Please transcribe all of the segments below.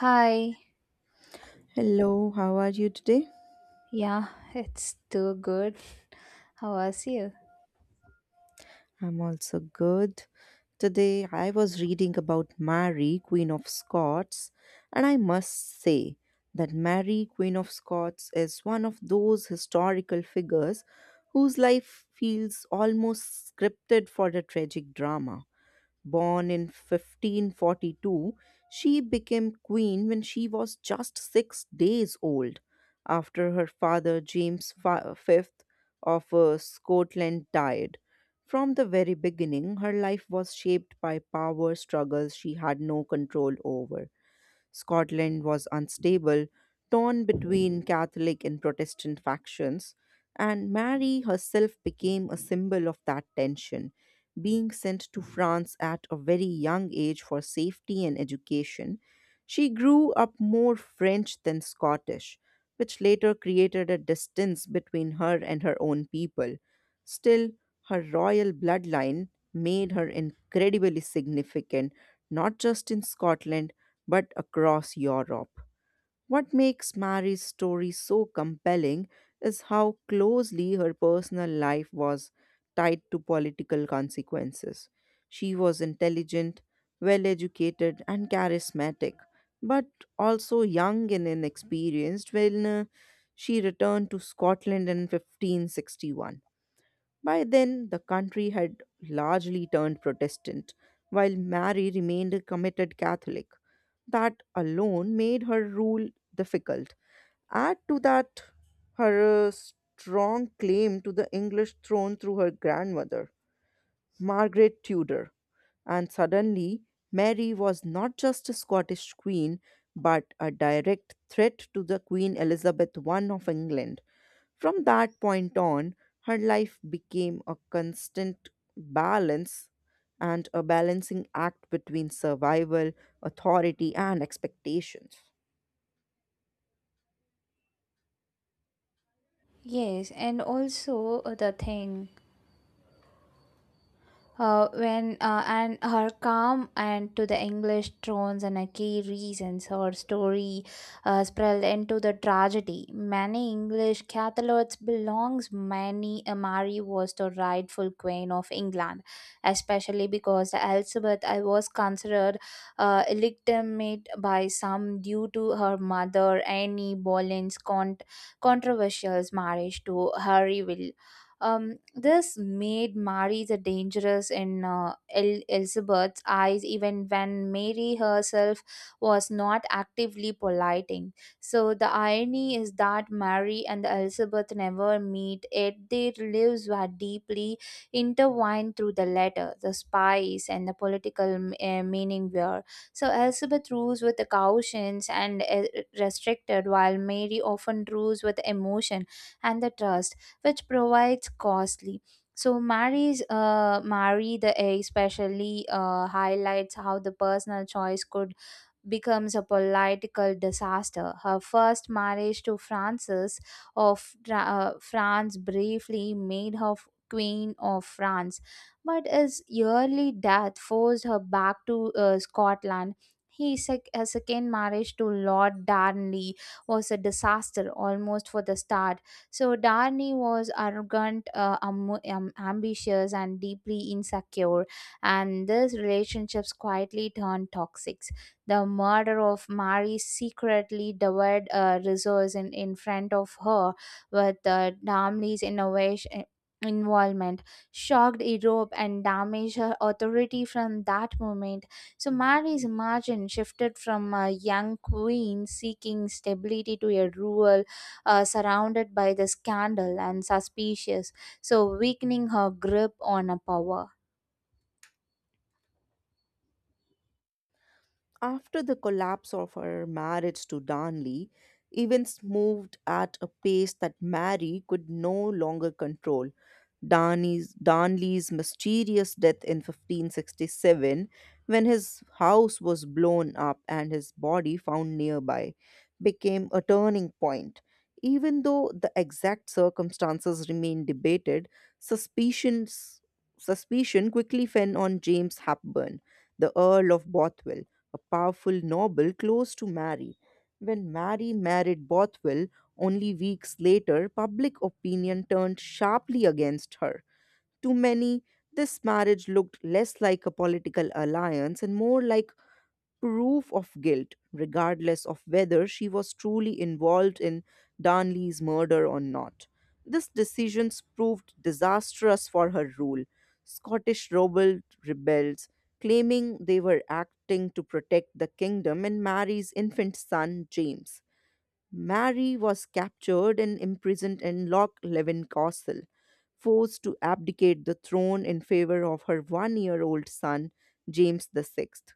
Hi. Hello, how are you today? Yeah, it's too good. How was you? I'm also good. Today I was reading about Mary, Queen of Scots, and I must say that Mary, Queen of Scots, is one of those historical figures whose life feels almost scripted for a tragic drama. Born in 1542, she became queen when she was just 6 days old, after her father James V of Scotland died. From the very beginning, her life was shaped by power struggles she had no control over. Scotland was unstable, torn between Catholic and Protestant factions, and Mary herself became a symbol of that tension, being sent to France at a very young age for safety and education. She grew up more French than Scottish, which later created a distance between her and her own people. Still, her royal bloodline made her incredibly significant, not just in Scotland, but across Europe. What makes Mary's story so compelling is how closely her personal life was tied to political consequences. She was intelligent, well educated, and charismatic, but also young and inexperienced when she returned to Scotland in 1561. By then, the country had largely turned Protestant, while Mary remained a committed Catholic. That alone made her rule difficult. Add to that her strong claim to the English throne through her grandmother, Margaret Tudor. And suddenly, Mary was not just a Scottish queen, but a direct threat to the Queen Elizabeth I of England. From that point on, her life became a constant balance and a balancing act between survival, authority, and expectations. Yes, and also the thing when and her calm and to the English tones and a key reasons her story spread into the tragedy. Many English Catholics belongs many Mary was the rightful queen of England, especially because Elizabeth I was considered illegitimate by some due to her mother Anne Boleyn's controversial marriage to Hari will. Um, this made Mary's a dangerous in Elizabeth's eyes, even when Mary herself was not actively politing. So the irony is that Mary and Elizabeth never meet, yet their lives were deeply intertwined through the letter, the spice, and the political meaning were. So Elizabeth rules with the cautions and restricted, while Mary often rules with emotion and the trust, which provides costly. So Mary the A especially highlights how the personal choice could becomes a political disaster. Her first marriage to Francis of France briefly made her Queen of France, but his early death forced her back to Scotland. Her second marriage to Lord Darnley was a disaster almost for the start. So Darnley was arrogant, ambitious, and deeply insecure, and these relationships quietly turned toxic. The murder of Mary's secretly devoured resource in front of her with Damley's innovation involvement shocked Europe and damaged her authority from that moment. So Mary's margin shifted from a young queen seeking stability to a ruler surrounded by the scandal and suspicious, so weakening her grip on a power. After the collapse of her marriage to Darnley, events moved at a pace that Mary could no longer control. Darnley's mysterious death in 1567, when his house was blown up and his body found nearby, became a turning point. Even though the exact circumstances remain debated, suspicions, suspicion quickly fell on James Hepburn, the Earl of Bothwell, a powerful noble close to Mary. When Mary married Bothwell, only weeks later, public opinion turned sharply against her. To many, this marriage looked less like a political alliance and more like proof of guilt, regardless of whether she was truly involved in Darnley's murder or not. This decision proved disastrous for her rule. Scottish rebel rebels, claiming they were acting to protect the kingdom and Mary's infant son James. Mary was captured and imprisoned in Loch Leven Castle, forced to abdicate the throne in favor of her 1 year old son, James the Sixth.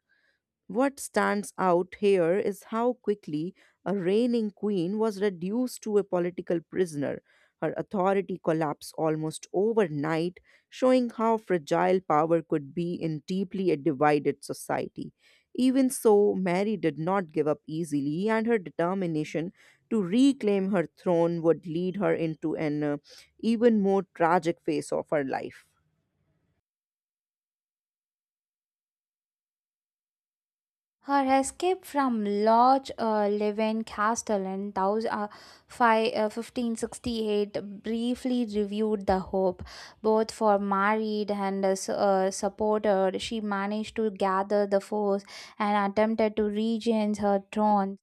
What stands out here is how quickly a reigning queen was reduced to a political prisoner. Her authority collapsed almost overnight, showing how fragile power could be in deeply a divided society. Even so, Mary did not give up easily, and her determination to reclaim her throne would lead her into an even more tragic phase of her life. Her escape from Lodge Leven Castle in 1568 briefly reviewed the hope, both for married and supported. She managed to gather the force and attempted to regain her throne.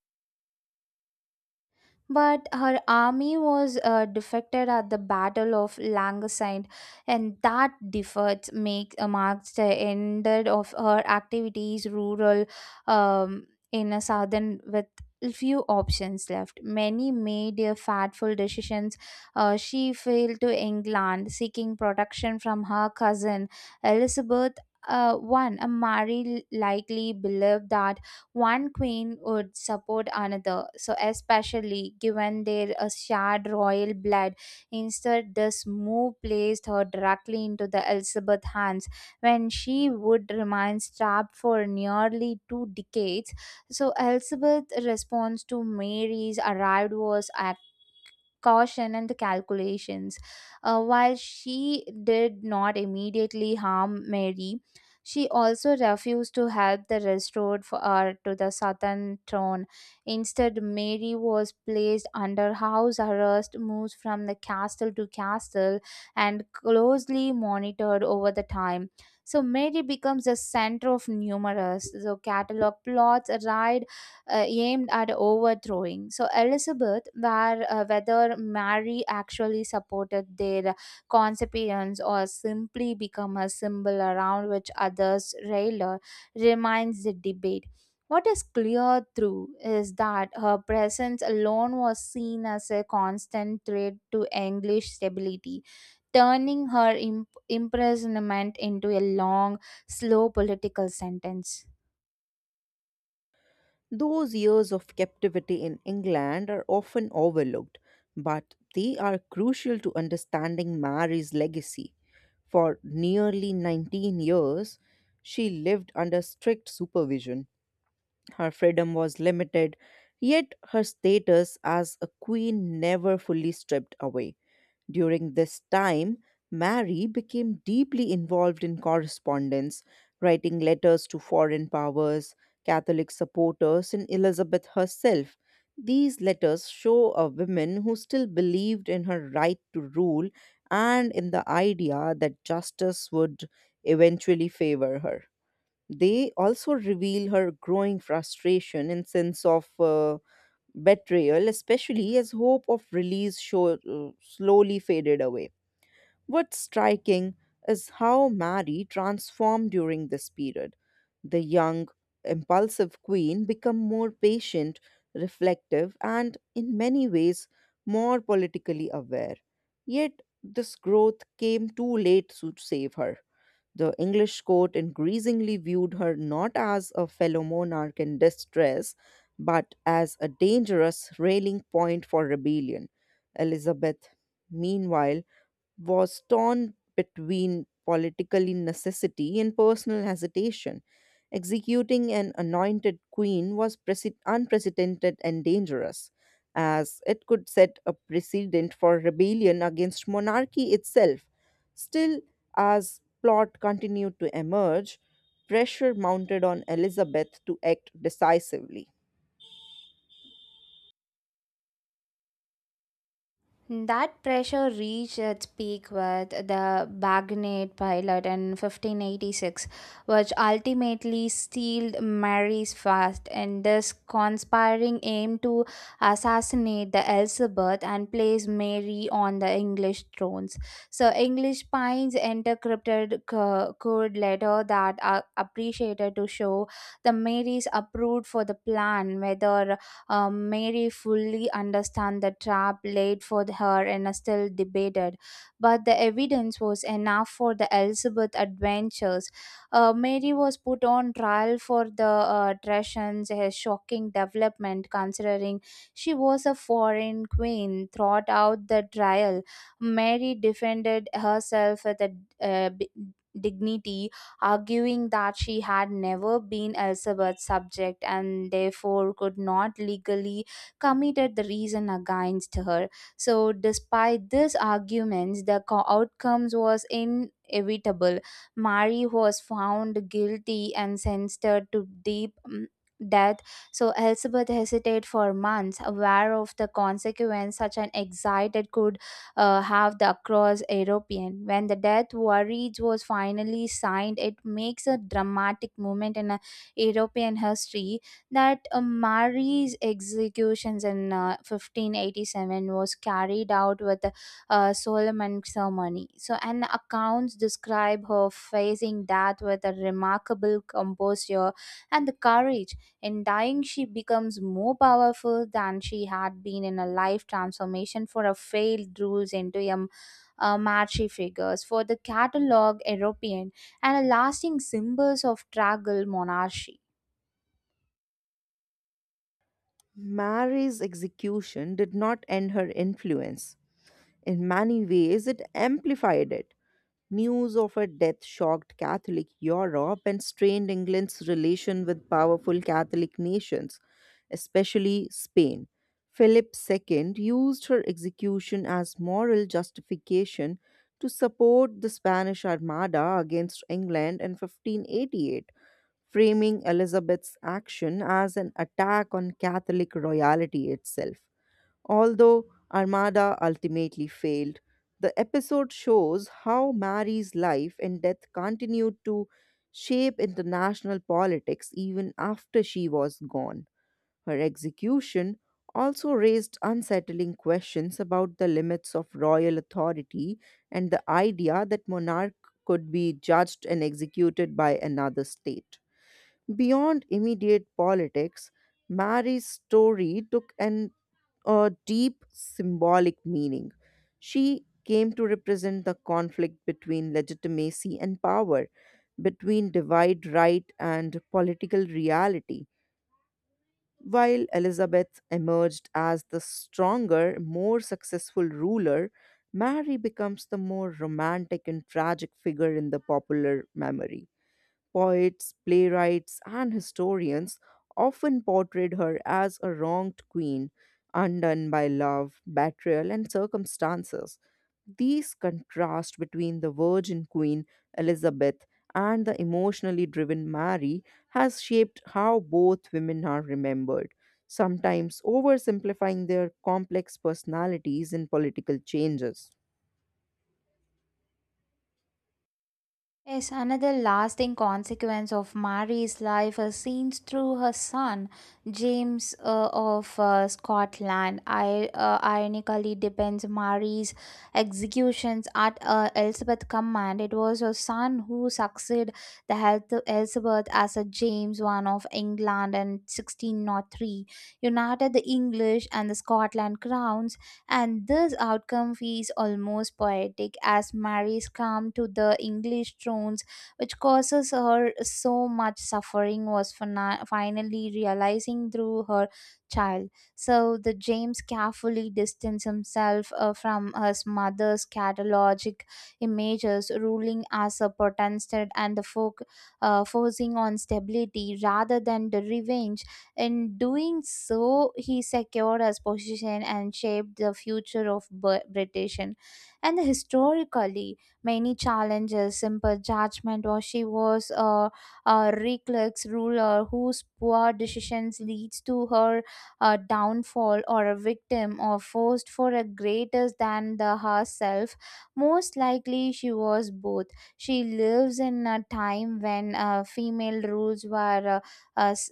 But her army was defected at the Battle of Langaside, and that defeat marks the end of her activities rural in a southern with few options left. Many made fatful decisions. She failed to England, seeking protection from her cousin Elizabeth. One, a Mary likely believed that one queen would support another. So, especially given their shared royal blood, instead, this move placed her directly into the Elizabeth hands when she would remain trapped for nearly 2 decades. So Elizabeth's response to Mary's arrival was caution and the calculations. While she did not immediately harm Mary, she also refused to help the restored for her to the southern throne. Instead, Mary was placed under house arrest, moved from the castle to castle, and closely monitored over the time. So Mary becomes the center of numerous so catalog plots, ride aimed at overthrowing. So Elizabeth, where whether Mary actually supported their conceptions or simply become a symbol around which others railed, remains the debate. What is clear through is that her presence alone was seen as a constant threat to English stability, turning her imprisonment into a long, slow political sentence. Those years of captivity in England are often overlooked, but they are crucial to understanding Mary's legacy. For nearly 19 years, she lived under strict supervision, her freedom was limited, yet her status as a queen never fully stripped away. During this time, Mary became deeply involved in correspondence, writing letters to foreign powers, Catholic supporters, and Elizabeth herself. These letters show a woman who still believed in her right to rule and in the idea that justice would eventually favor her. They also reveal her growing frustration and sense of betrayal, especially as hope of release slowly faded away. What's striking is how Mary transformed during this period. The young, impulsive queen became more patient, reflective, and in many ways more politically aware. Yet this growth came too late to save her. The English court increasingly viewed her not as a fellow monarch in distress, but as a dangerous railing point for rebellion. Elizabeth, meanwhile, was torn between political necessity and personal hesitation. Executing an anointed queen was unprecedented and dangerous, as it could set a precedent for rebellion against monarchy itself. Still, as plot continued to emerge, pressure mounted on Elizabeth to act decisively. That pressure reached its peak with the Bagnet pilot in 1586, which ultimately sealed Mary's fate. In this conspiring aim to assassinate the Elizabeth and place Mary on the English thrones. So English pines interpreted code letter that are appreciated to show the Marys approved for the plan, whether Mary fully understood the trap laid for her and still debated, but the evidence was enough for the Elizabeth adventures. Mary was put on trial for the treasons, a shocking development considering she was a foreign queen. Throughout out the trial, Mary defended herself with a uh, b- dignity, arguing that she had never been Elizabeth's subject and therefore could not legally committed the reason against her. So, despite these arguments, the outcomes was inevitable. Mary was found guilty and sentenced to deep mm, death. So Elizabeth hesitated for months, aware of the consequence such an excited could have the across European. When the death warrant was finally signed, it makes a dramatic moment in European history, that Mary's executions in 1587 was carried out with solemn ceremony. So, and accounts describe her facing death with a remarkable composure and the courage. In dying, she becomes more powerful than she had been in a life transformation for a failed rules into a matchy figures for the catalog European and a lasting symbols of traggle monarchy. Mary's execution did not end her influence. In many ways, it amplified it. News of her death shocked Catholic Europe and strained England's relation with powerful Catholic nations, especially Spain. Philip II used her execution as moral justification to support the Spanish Armada against England in 1588, framing Elizabeth's action as an attack on Catholic royalty itself. Although Armada ultimately failed, the episode shows how Mary's life and death continued to shape international politics even after she was gone. Her execution also raised unsettling questions about the limits of royal authority and the idea that monarch could be judged and executed by another state. Beyond immediate politics, Mary's story took an a deep symbolic meaning. She came to represent the conflict between legitimacy and power, between divide right and political reality. While Elizabeth emerged as the stronger, more successful ruler, Mary becomes the more romantic and tragic figure in the popular memory. Poets, playwrights, and historians often portrayed her as a wronged queen, undone by love, betrayal, and circumstances. These contrast between the virgin queen Elizabeth and the emotionally driven Mary has shaped how both women are remembered, sometimes oversimplifying their complex personalities in political changes. Yes, another lasting consequence of Mary's life is seen through her son, James of Scotland. Ironically, depends Mary's executions at Elizabeth's command. It was her son who succeeded the health of Elizabeth as a James one of England in 1603, united the English and the Scotland crowns, and this outcome feels almost poetic as Mary's come to the English thrones, which causes her so much suffering, was finally realizing through her child. So the James carefully distanced himself from his mother's catalogic images, ruling as a protestant and the folk, forcing on stability rather than the revenge. In doing so, he secured his position and shaped the future of British. And historically, many challenges, simple judgment, or she was a reckless ruler whose poor decisions leads to her downfall, or a victim or forced for a greater than the herself. Most likely, she was both. She lives in a time when female rules were uh, uh, s-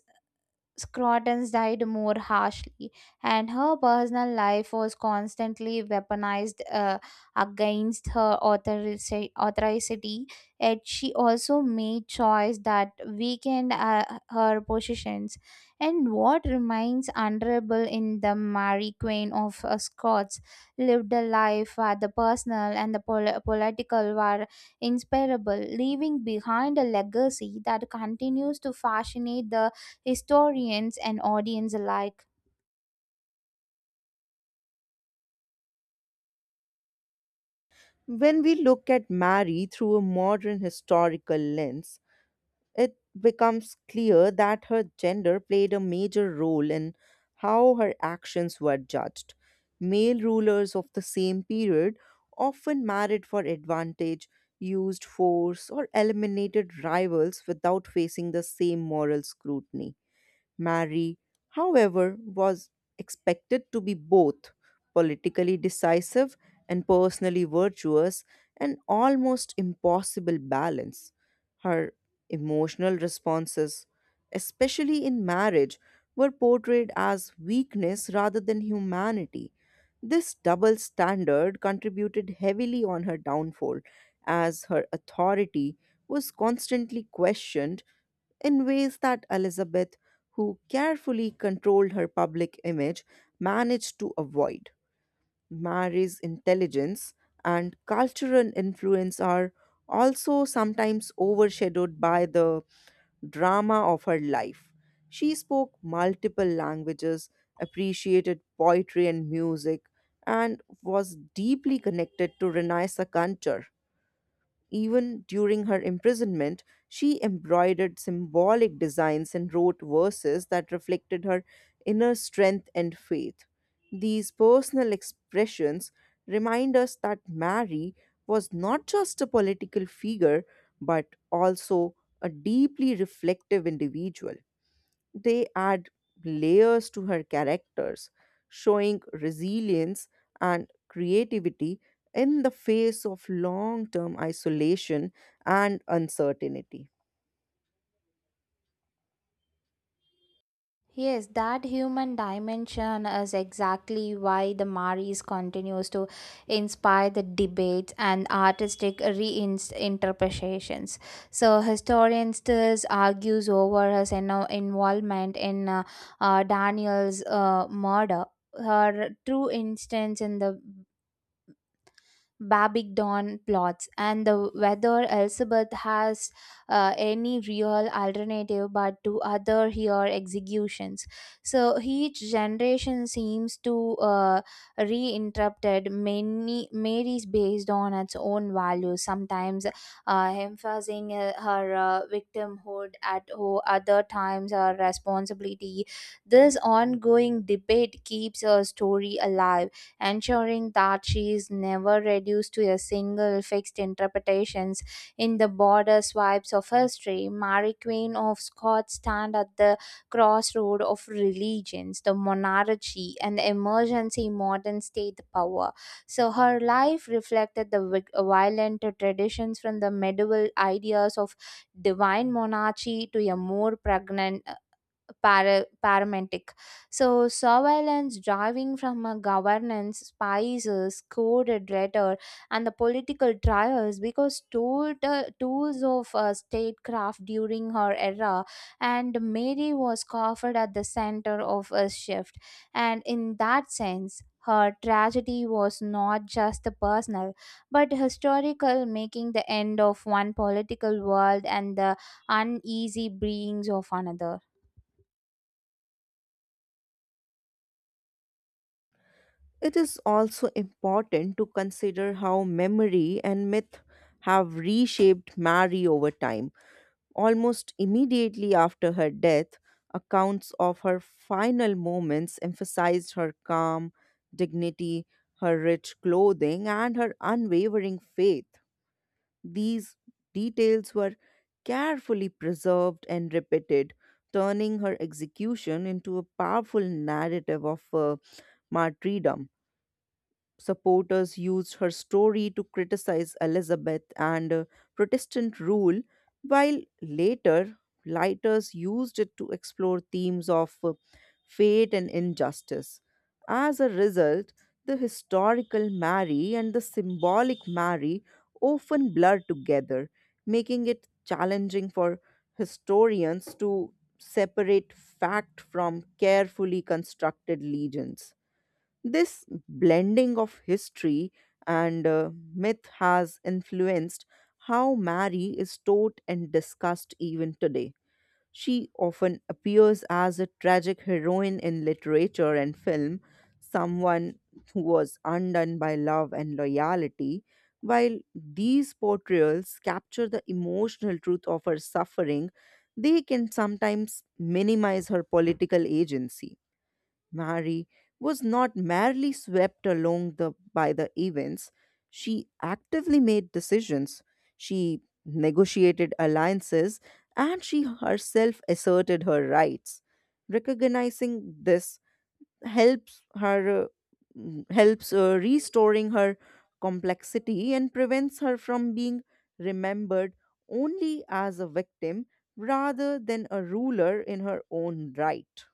Scrotons died more harshly, and her personal life was constantly weaponized against her authority. Yet she also made choice that weakened her positions. And what remains honorable in the Mary Queen of Scots lived a life where the personal and the political were inseparable, leaving behind a legacy that continues to fascinate the historians and audience alike. When we look at Mary through a modern historical lens, it becomes clear that her gender played a major role in how her actions were judged. Male rulers of the same period often married for advantage, used force, or eliminated rivals without facing the same moral scrutiny. Mary, however, was expected to be both politically decisive and personally virtuous, an almost impossible balance. Her emotional responses, especially in marriage, were portrayed as weakness rather than humanity. This double standard contributed heavily on her downfall, as her authority was constantly questioned in ways that Elizabeth, who carefully controlled her public image, managed to avoid. Mary's intelligence and cultural influence are also sometimes overshadowed by the drama of her life. She spoke multiple languages, appreciated poetry and music, and was deeply connected to Renaissance culture. Even during her imprisonment, she embroidered symbolic designs and wrote verses that reflected her inner strength and faith. These personal expressions remind us that Mary was not just a political figure, but also a deeply reflective individual. They add layers to her characters, showing resilience and creativity in the face of long term isolation and uncertainty. Yes, that human dimension is exactly why the Maris continues to inspire the debates and artistic reinterpretations. So historians still argues over his involvement in Daniel's murder. Her true instance in the Babingdon plots, and the whether Elizabeth has any real alternative but to other her executions. So each generation seems to reinterpreted many Mary's based on its own values, sometimes emphasizing her victimhood at other times her responsibility. This ongoing debate keeps her story alive, ensuring that she is never reduced to a single fixed interpretations in the border swipes of history. Mary Queen of Scots stand at the crossroad of religions, the monarchy, and the emergency modern state power. So her life reflected the violent traditions from the medieval ideas of divine monarchy to a more pregnant paramedic. So, surveillance driving from a governance, spices, coded rhetoric, and the political trials because told, tools of statecraft during her era, and Mary was covered at the center of a shift. And in that sense, her tragedy was not just personal but historical, making the end of one political world and the uneasy beings of another. It is also important to consider how memory and myth have reshaped Mary over time. Almost immediately after her death, accounts of her final moments emphasized her calm, dignity, her rich clothing, and her unwavering faith. These details were carefully preserved and repeated, turning her execution into a powerful narrative of martyrdom. Supporters used her story to criticize Elizabeth and Protestant rule, while later lighters used it to explore themes of fate and injustice. As a result, the historical Mary and the symbolic Mary often blur together, making it challenging for historians to separate fact from carefully constructed legends. This blending of history and myth has influenced how Mary is taught and discussed even today. She often appears as a tragic heroine in literature and film, someone who was undone by love and loyalty. While these portrayals capture the emotional truth of her suffering, they can sometimes minimize her political agency. Mary was not merely swept along by the events, she actively made decisions, she negotiated alliances, and she herself asserted her rights. Recognizing this helps her uh, helps restoring her complexity and prevents her from being remembered only as a victim rather than a ruler in her own right.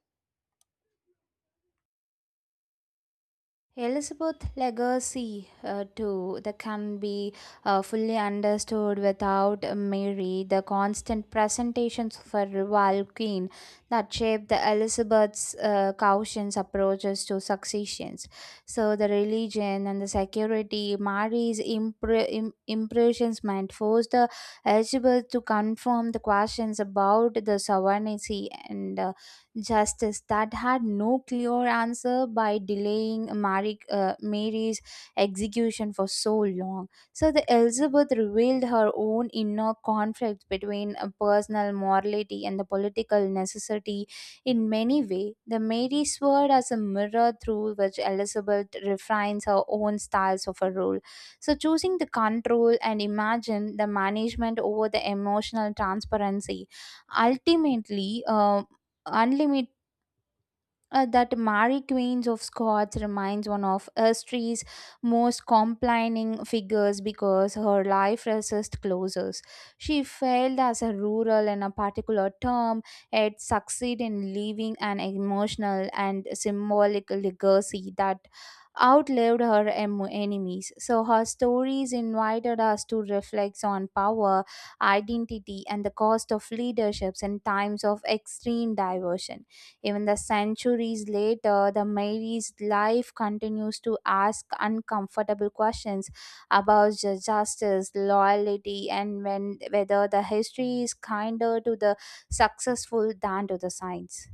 Elizabeth's legacy too that can be fully understood without Mary, the constant presentations of a rival queen that shaped the Elizabeth's cautious approaches to successions, so the religion and the security. Mary's imprisonment forced the Elizabeth to confirm the questions about the sovereignty and justice that had no clear answer, by delaying Mary's execution for so long. So the Elizabeth revealed her own inner conflict between a personal morality and the political necessity in many ways. The Mary sword as a mirror through which Elizabeth refines her own styles of a role. So choosing the control and imagine the management over the emotional transparency ultimately unlimited that Mary Queens of Scots remains one of history's most complaining figures because her life resist closures. She failed as a rural in a particular term, yet succeed in leaving an emotional and symbolic legacy that outlived her enemies. So her stories invited us to reflect on power, identity, and the cost of leaderships in times of extreme diversion. Even the centuries later, the Mary's life continues to ask uncomfortable questions about justice, loyalty, and when, whether the history is kinder to the successful than to the science.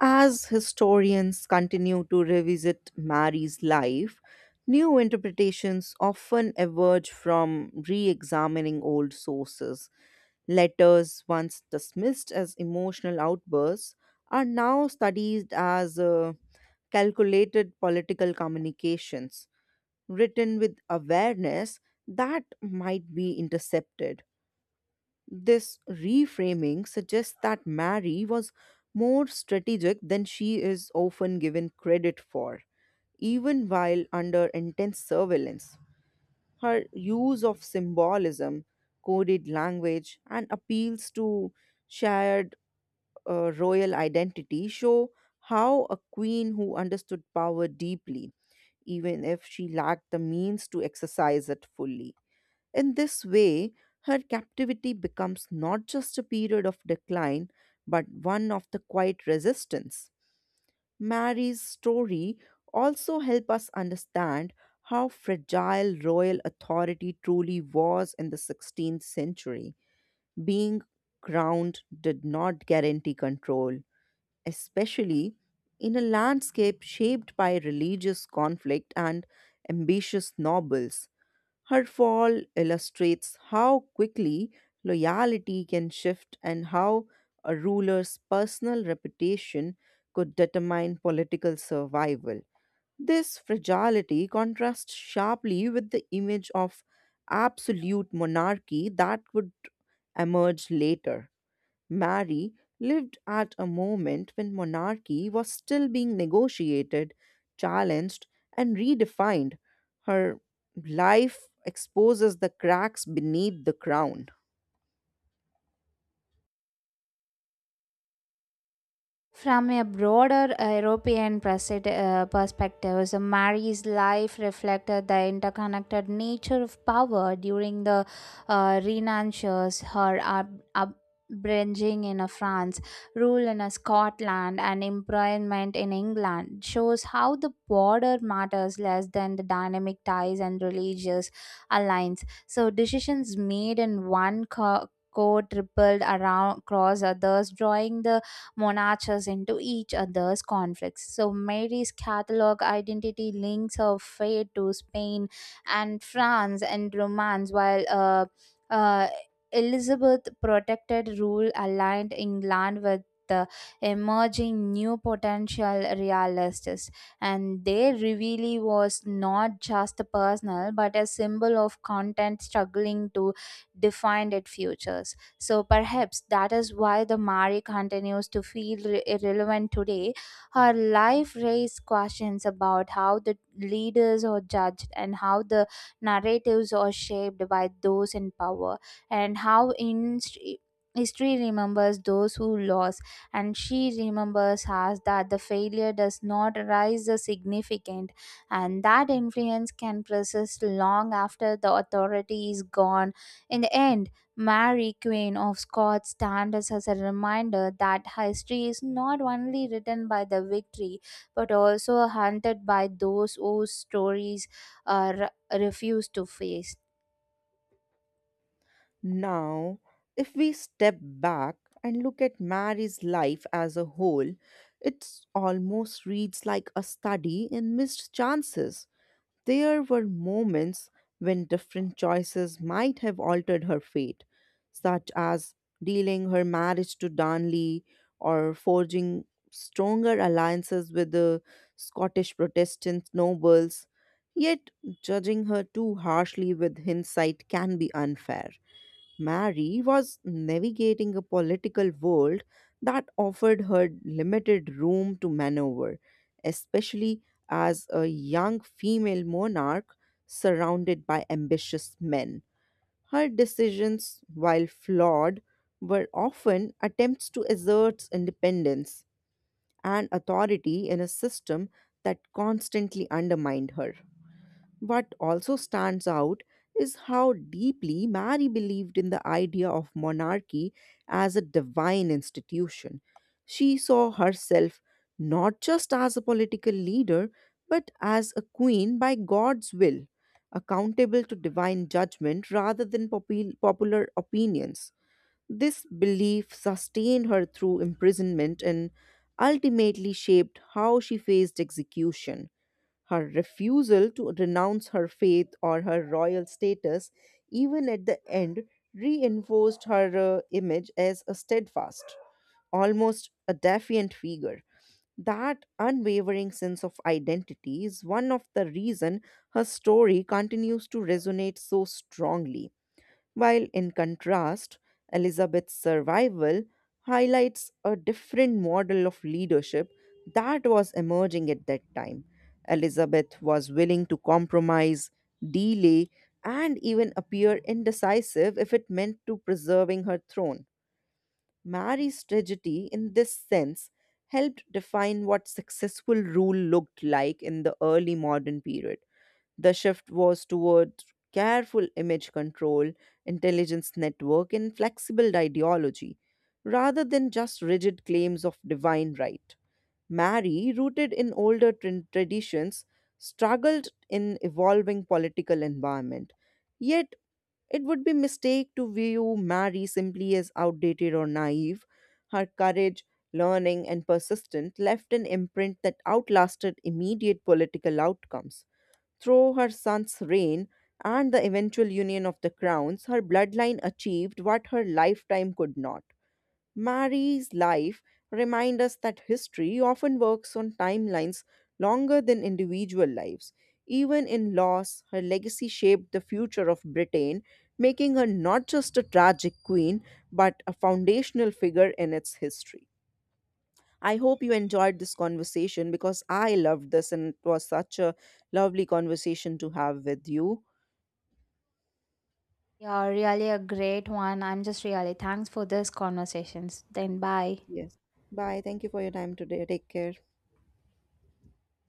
As historians continue to revisit Mary's life, new interpretations often emerge from re examining old sources. Letters, once dismissed as emotional outbursts, are now studied as calculated political communications written with awareness that might be intercepted. This reframing suggests that Mary was more strategic than she is often given credit for, even while under intense surveillance. Her use of symbolism, coded language, and appeals to shared royal identity show how a queen who understood power deeply, even if she lacked the means to exercise it fully. In this way, her captivity becomes not just a period of decline, but one of the quiet resistance. Mary's story also help us understand how fragile royal authority truly was in the 16th century. Being crowned did not guarantee control, especially in a landscape shaped by religious conflict and ambitious nobles. Her fall illustrates how quickly loyalty can shift and how a ruler's personal reputation could determine political survival. This fragility contrasts sharply with the image of absolute monarchy that would emerge later. Mary lived at a moment when monarchy was still being negotiated, challenged, and redefined. Her life exposes the cracks beneath the crown. From a broader European perspective, so Mary's life reflected the interconnected nature of power during the Renaissance, her upbringing in France, rule in Scotland, and employment in England shows how the border matters less than the dynamic ties and religious alliance. So decisions made in one court rippled around across others, drawing the monarchs into each other's conflicts. So Mary's Catholic identity links her fate to Spain and France and Romance, while uh, Elizabeth protected rule aligned England with the emerging new potential realists, and their reveal was not just personal but a symbol of content struggling to define its futures. So perhaps that is why the Mari continues to feel irrelevant today. Her life raised questions about how the leaders are judged, and how the narratives are shaped by those in power, and how in history remembers those who lost. And she remembers us that the failure does not rise the significant, and that influence can persist long after the authority is gone. In the end, Mary, Queen of Scots, stands as a reminder that history is not only written by the victory but also hunted by those whose stories uh, refuse to face. Now, if we step back and look at Mary's life as a whole, it almost reads like a study in missed chances. There were moments when different choices might have altered her fate, such as dealing her marriage to Darnley or forging stronger alliances with the Scottish Protestant nobles. Yet, judging her too harshly with hindsight can be unfair. Mary was navigating a political world that offered her limited room to maneuver, especially as a young female monarch surrounded by ambitious men. Her decisions, while flawed, were often attempts to assert independence and authority in a system that constantly undermined her. What also stands out is how deeply Mary believed in the idea of monarchy as a divine institution. She saw herself not just as a political leader, but as a queen by God's will, accountable to divine judgment rather than popular opinions. This belief sustained her through imprisonment and ultimately shaped how she faced execution. Her refusal to renounce her faith or her royal status, even at the end, reinforced her image as a steadfast, almost a defiant figure. That unwavering sense of identity is one of the reason her story continues to resonate so strongly while in contrast, Elizabeth's survival highlights a different model of leadership that was emerging at that time. Elizabeth was willing to compromise, delay, and even appear indecisive if it meant to preserving her throne. Mary's tragedy, in this sense, helped define what successful rule looked like in the early modern period. The shift was toward careful image control, intelligence network, and flexible ideology, rather than just rigid claims of divine right. Mary, rooted in older traditions, struggled in evolving political environment. Yet, it would be mistake to view Mary simply as outdated or naive. Her courage, learning, and persistence left an imprint that outlasted immediate political outcomes. Through her son's reign and the eventual union of the crowns, her bloodline achieved what her lifetime could not. Mary's life reminds us that history often works on timelines longer than individual lives. Even in loss, her legacy shaped the future of Britain, making her not just a tragic queen, but a foundational figure in its history. I hope you enjoyed this conversation because I loved this and it was such a lovely conversation to have with you. Yeah, really a great one. I'm just really thanks for this conversations. Then bye. Yes. Bye. Thank you for your time today. Take care.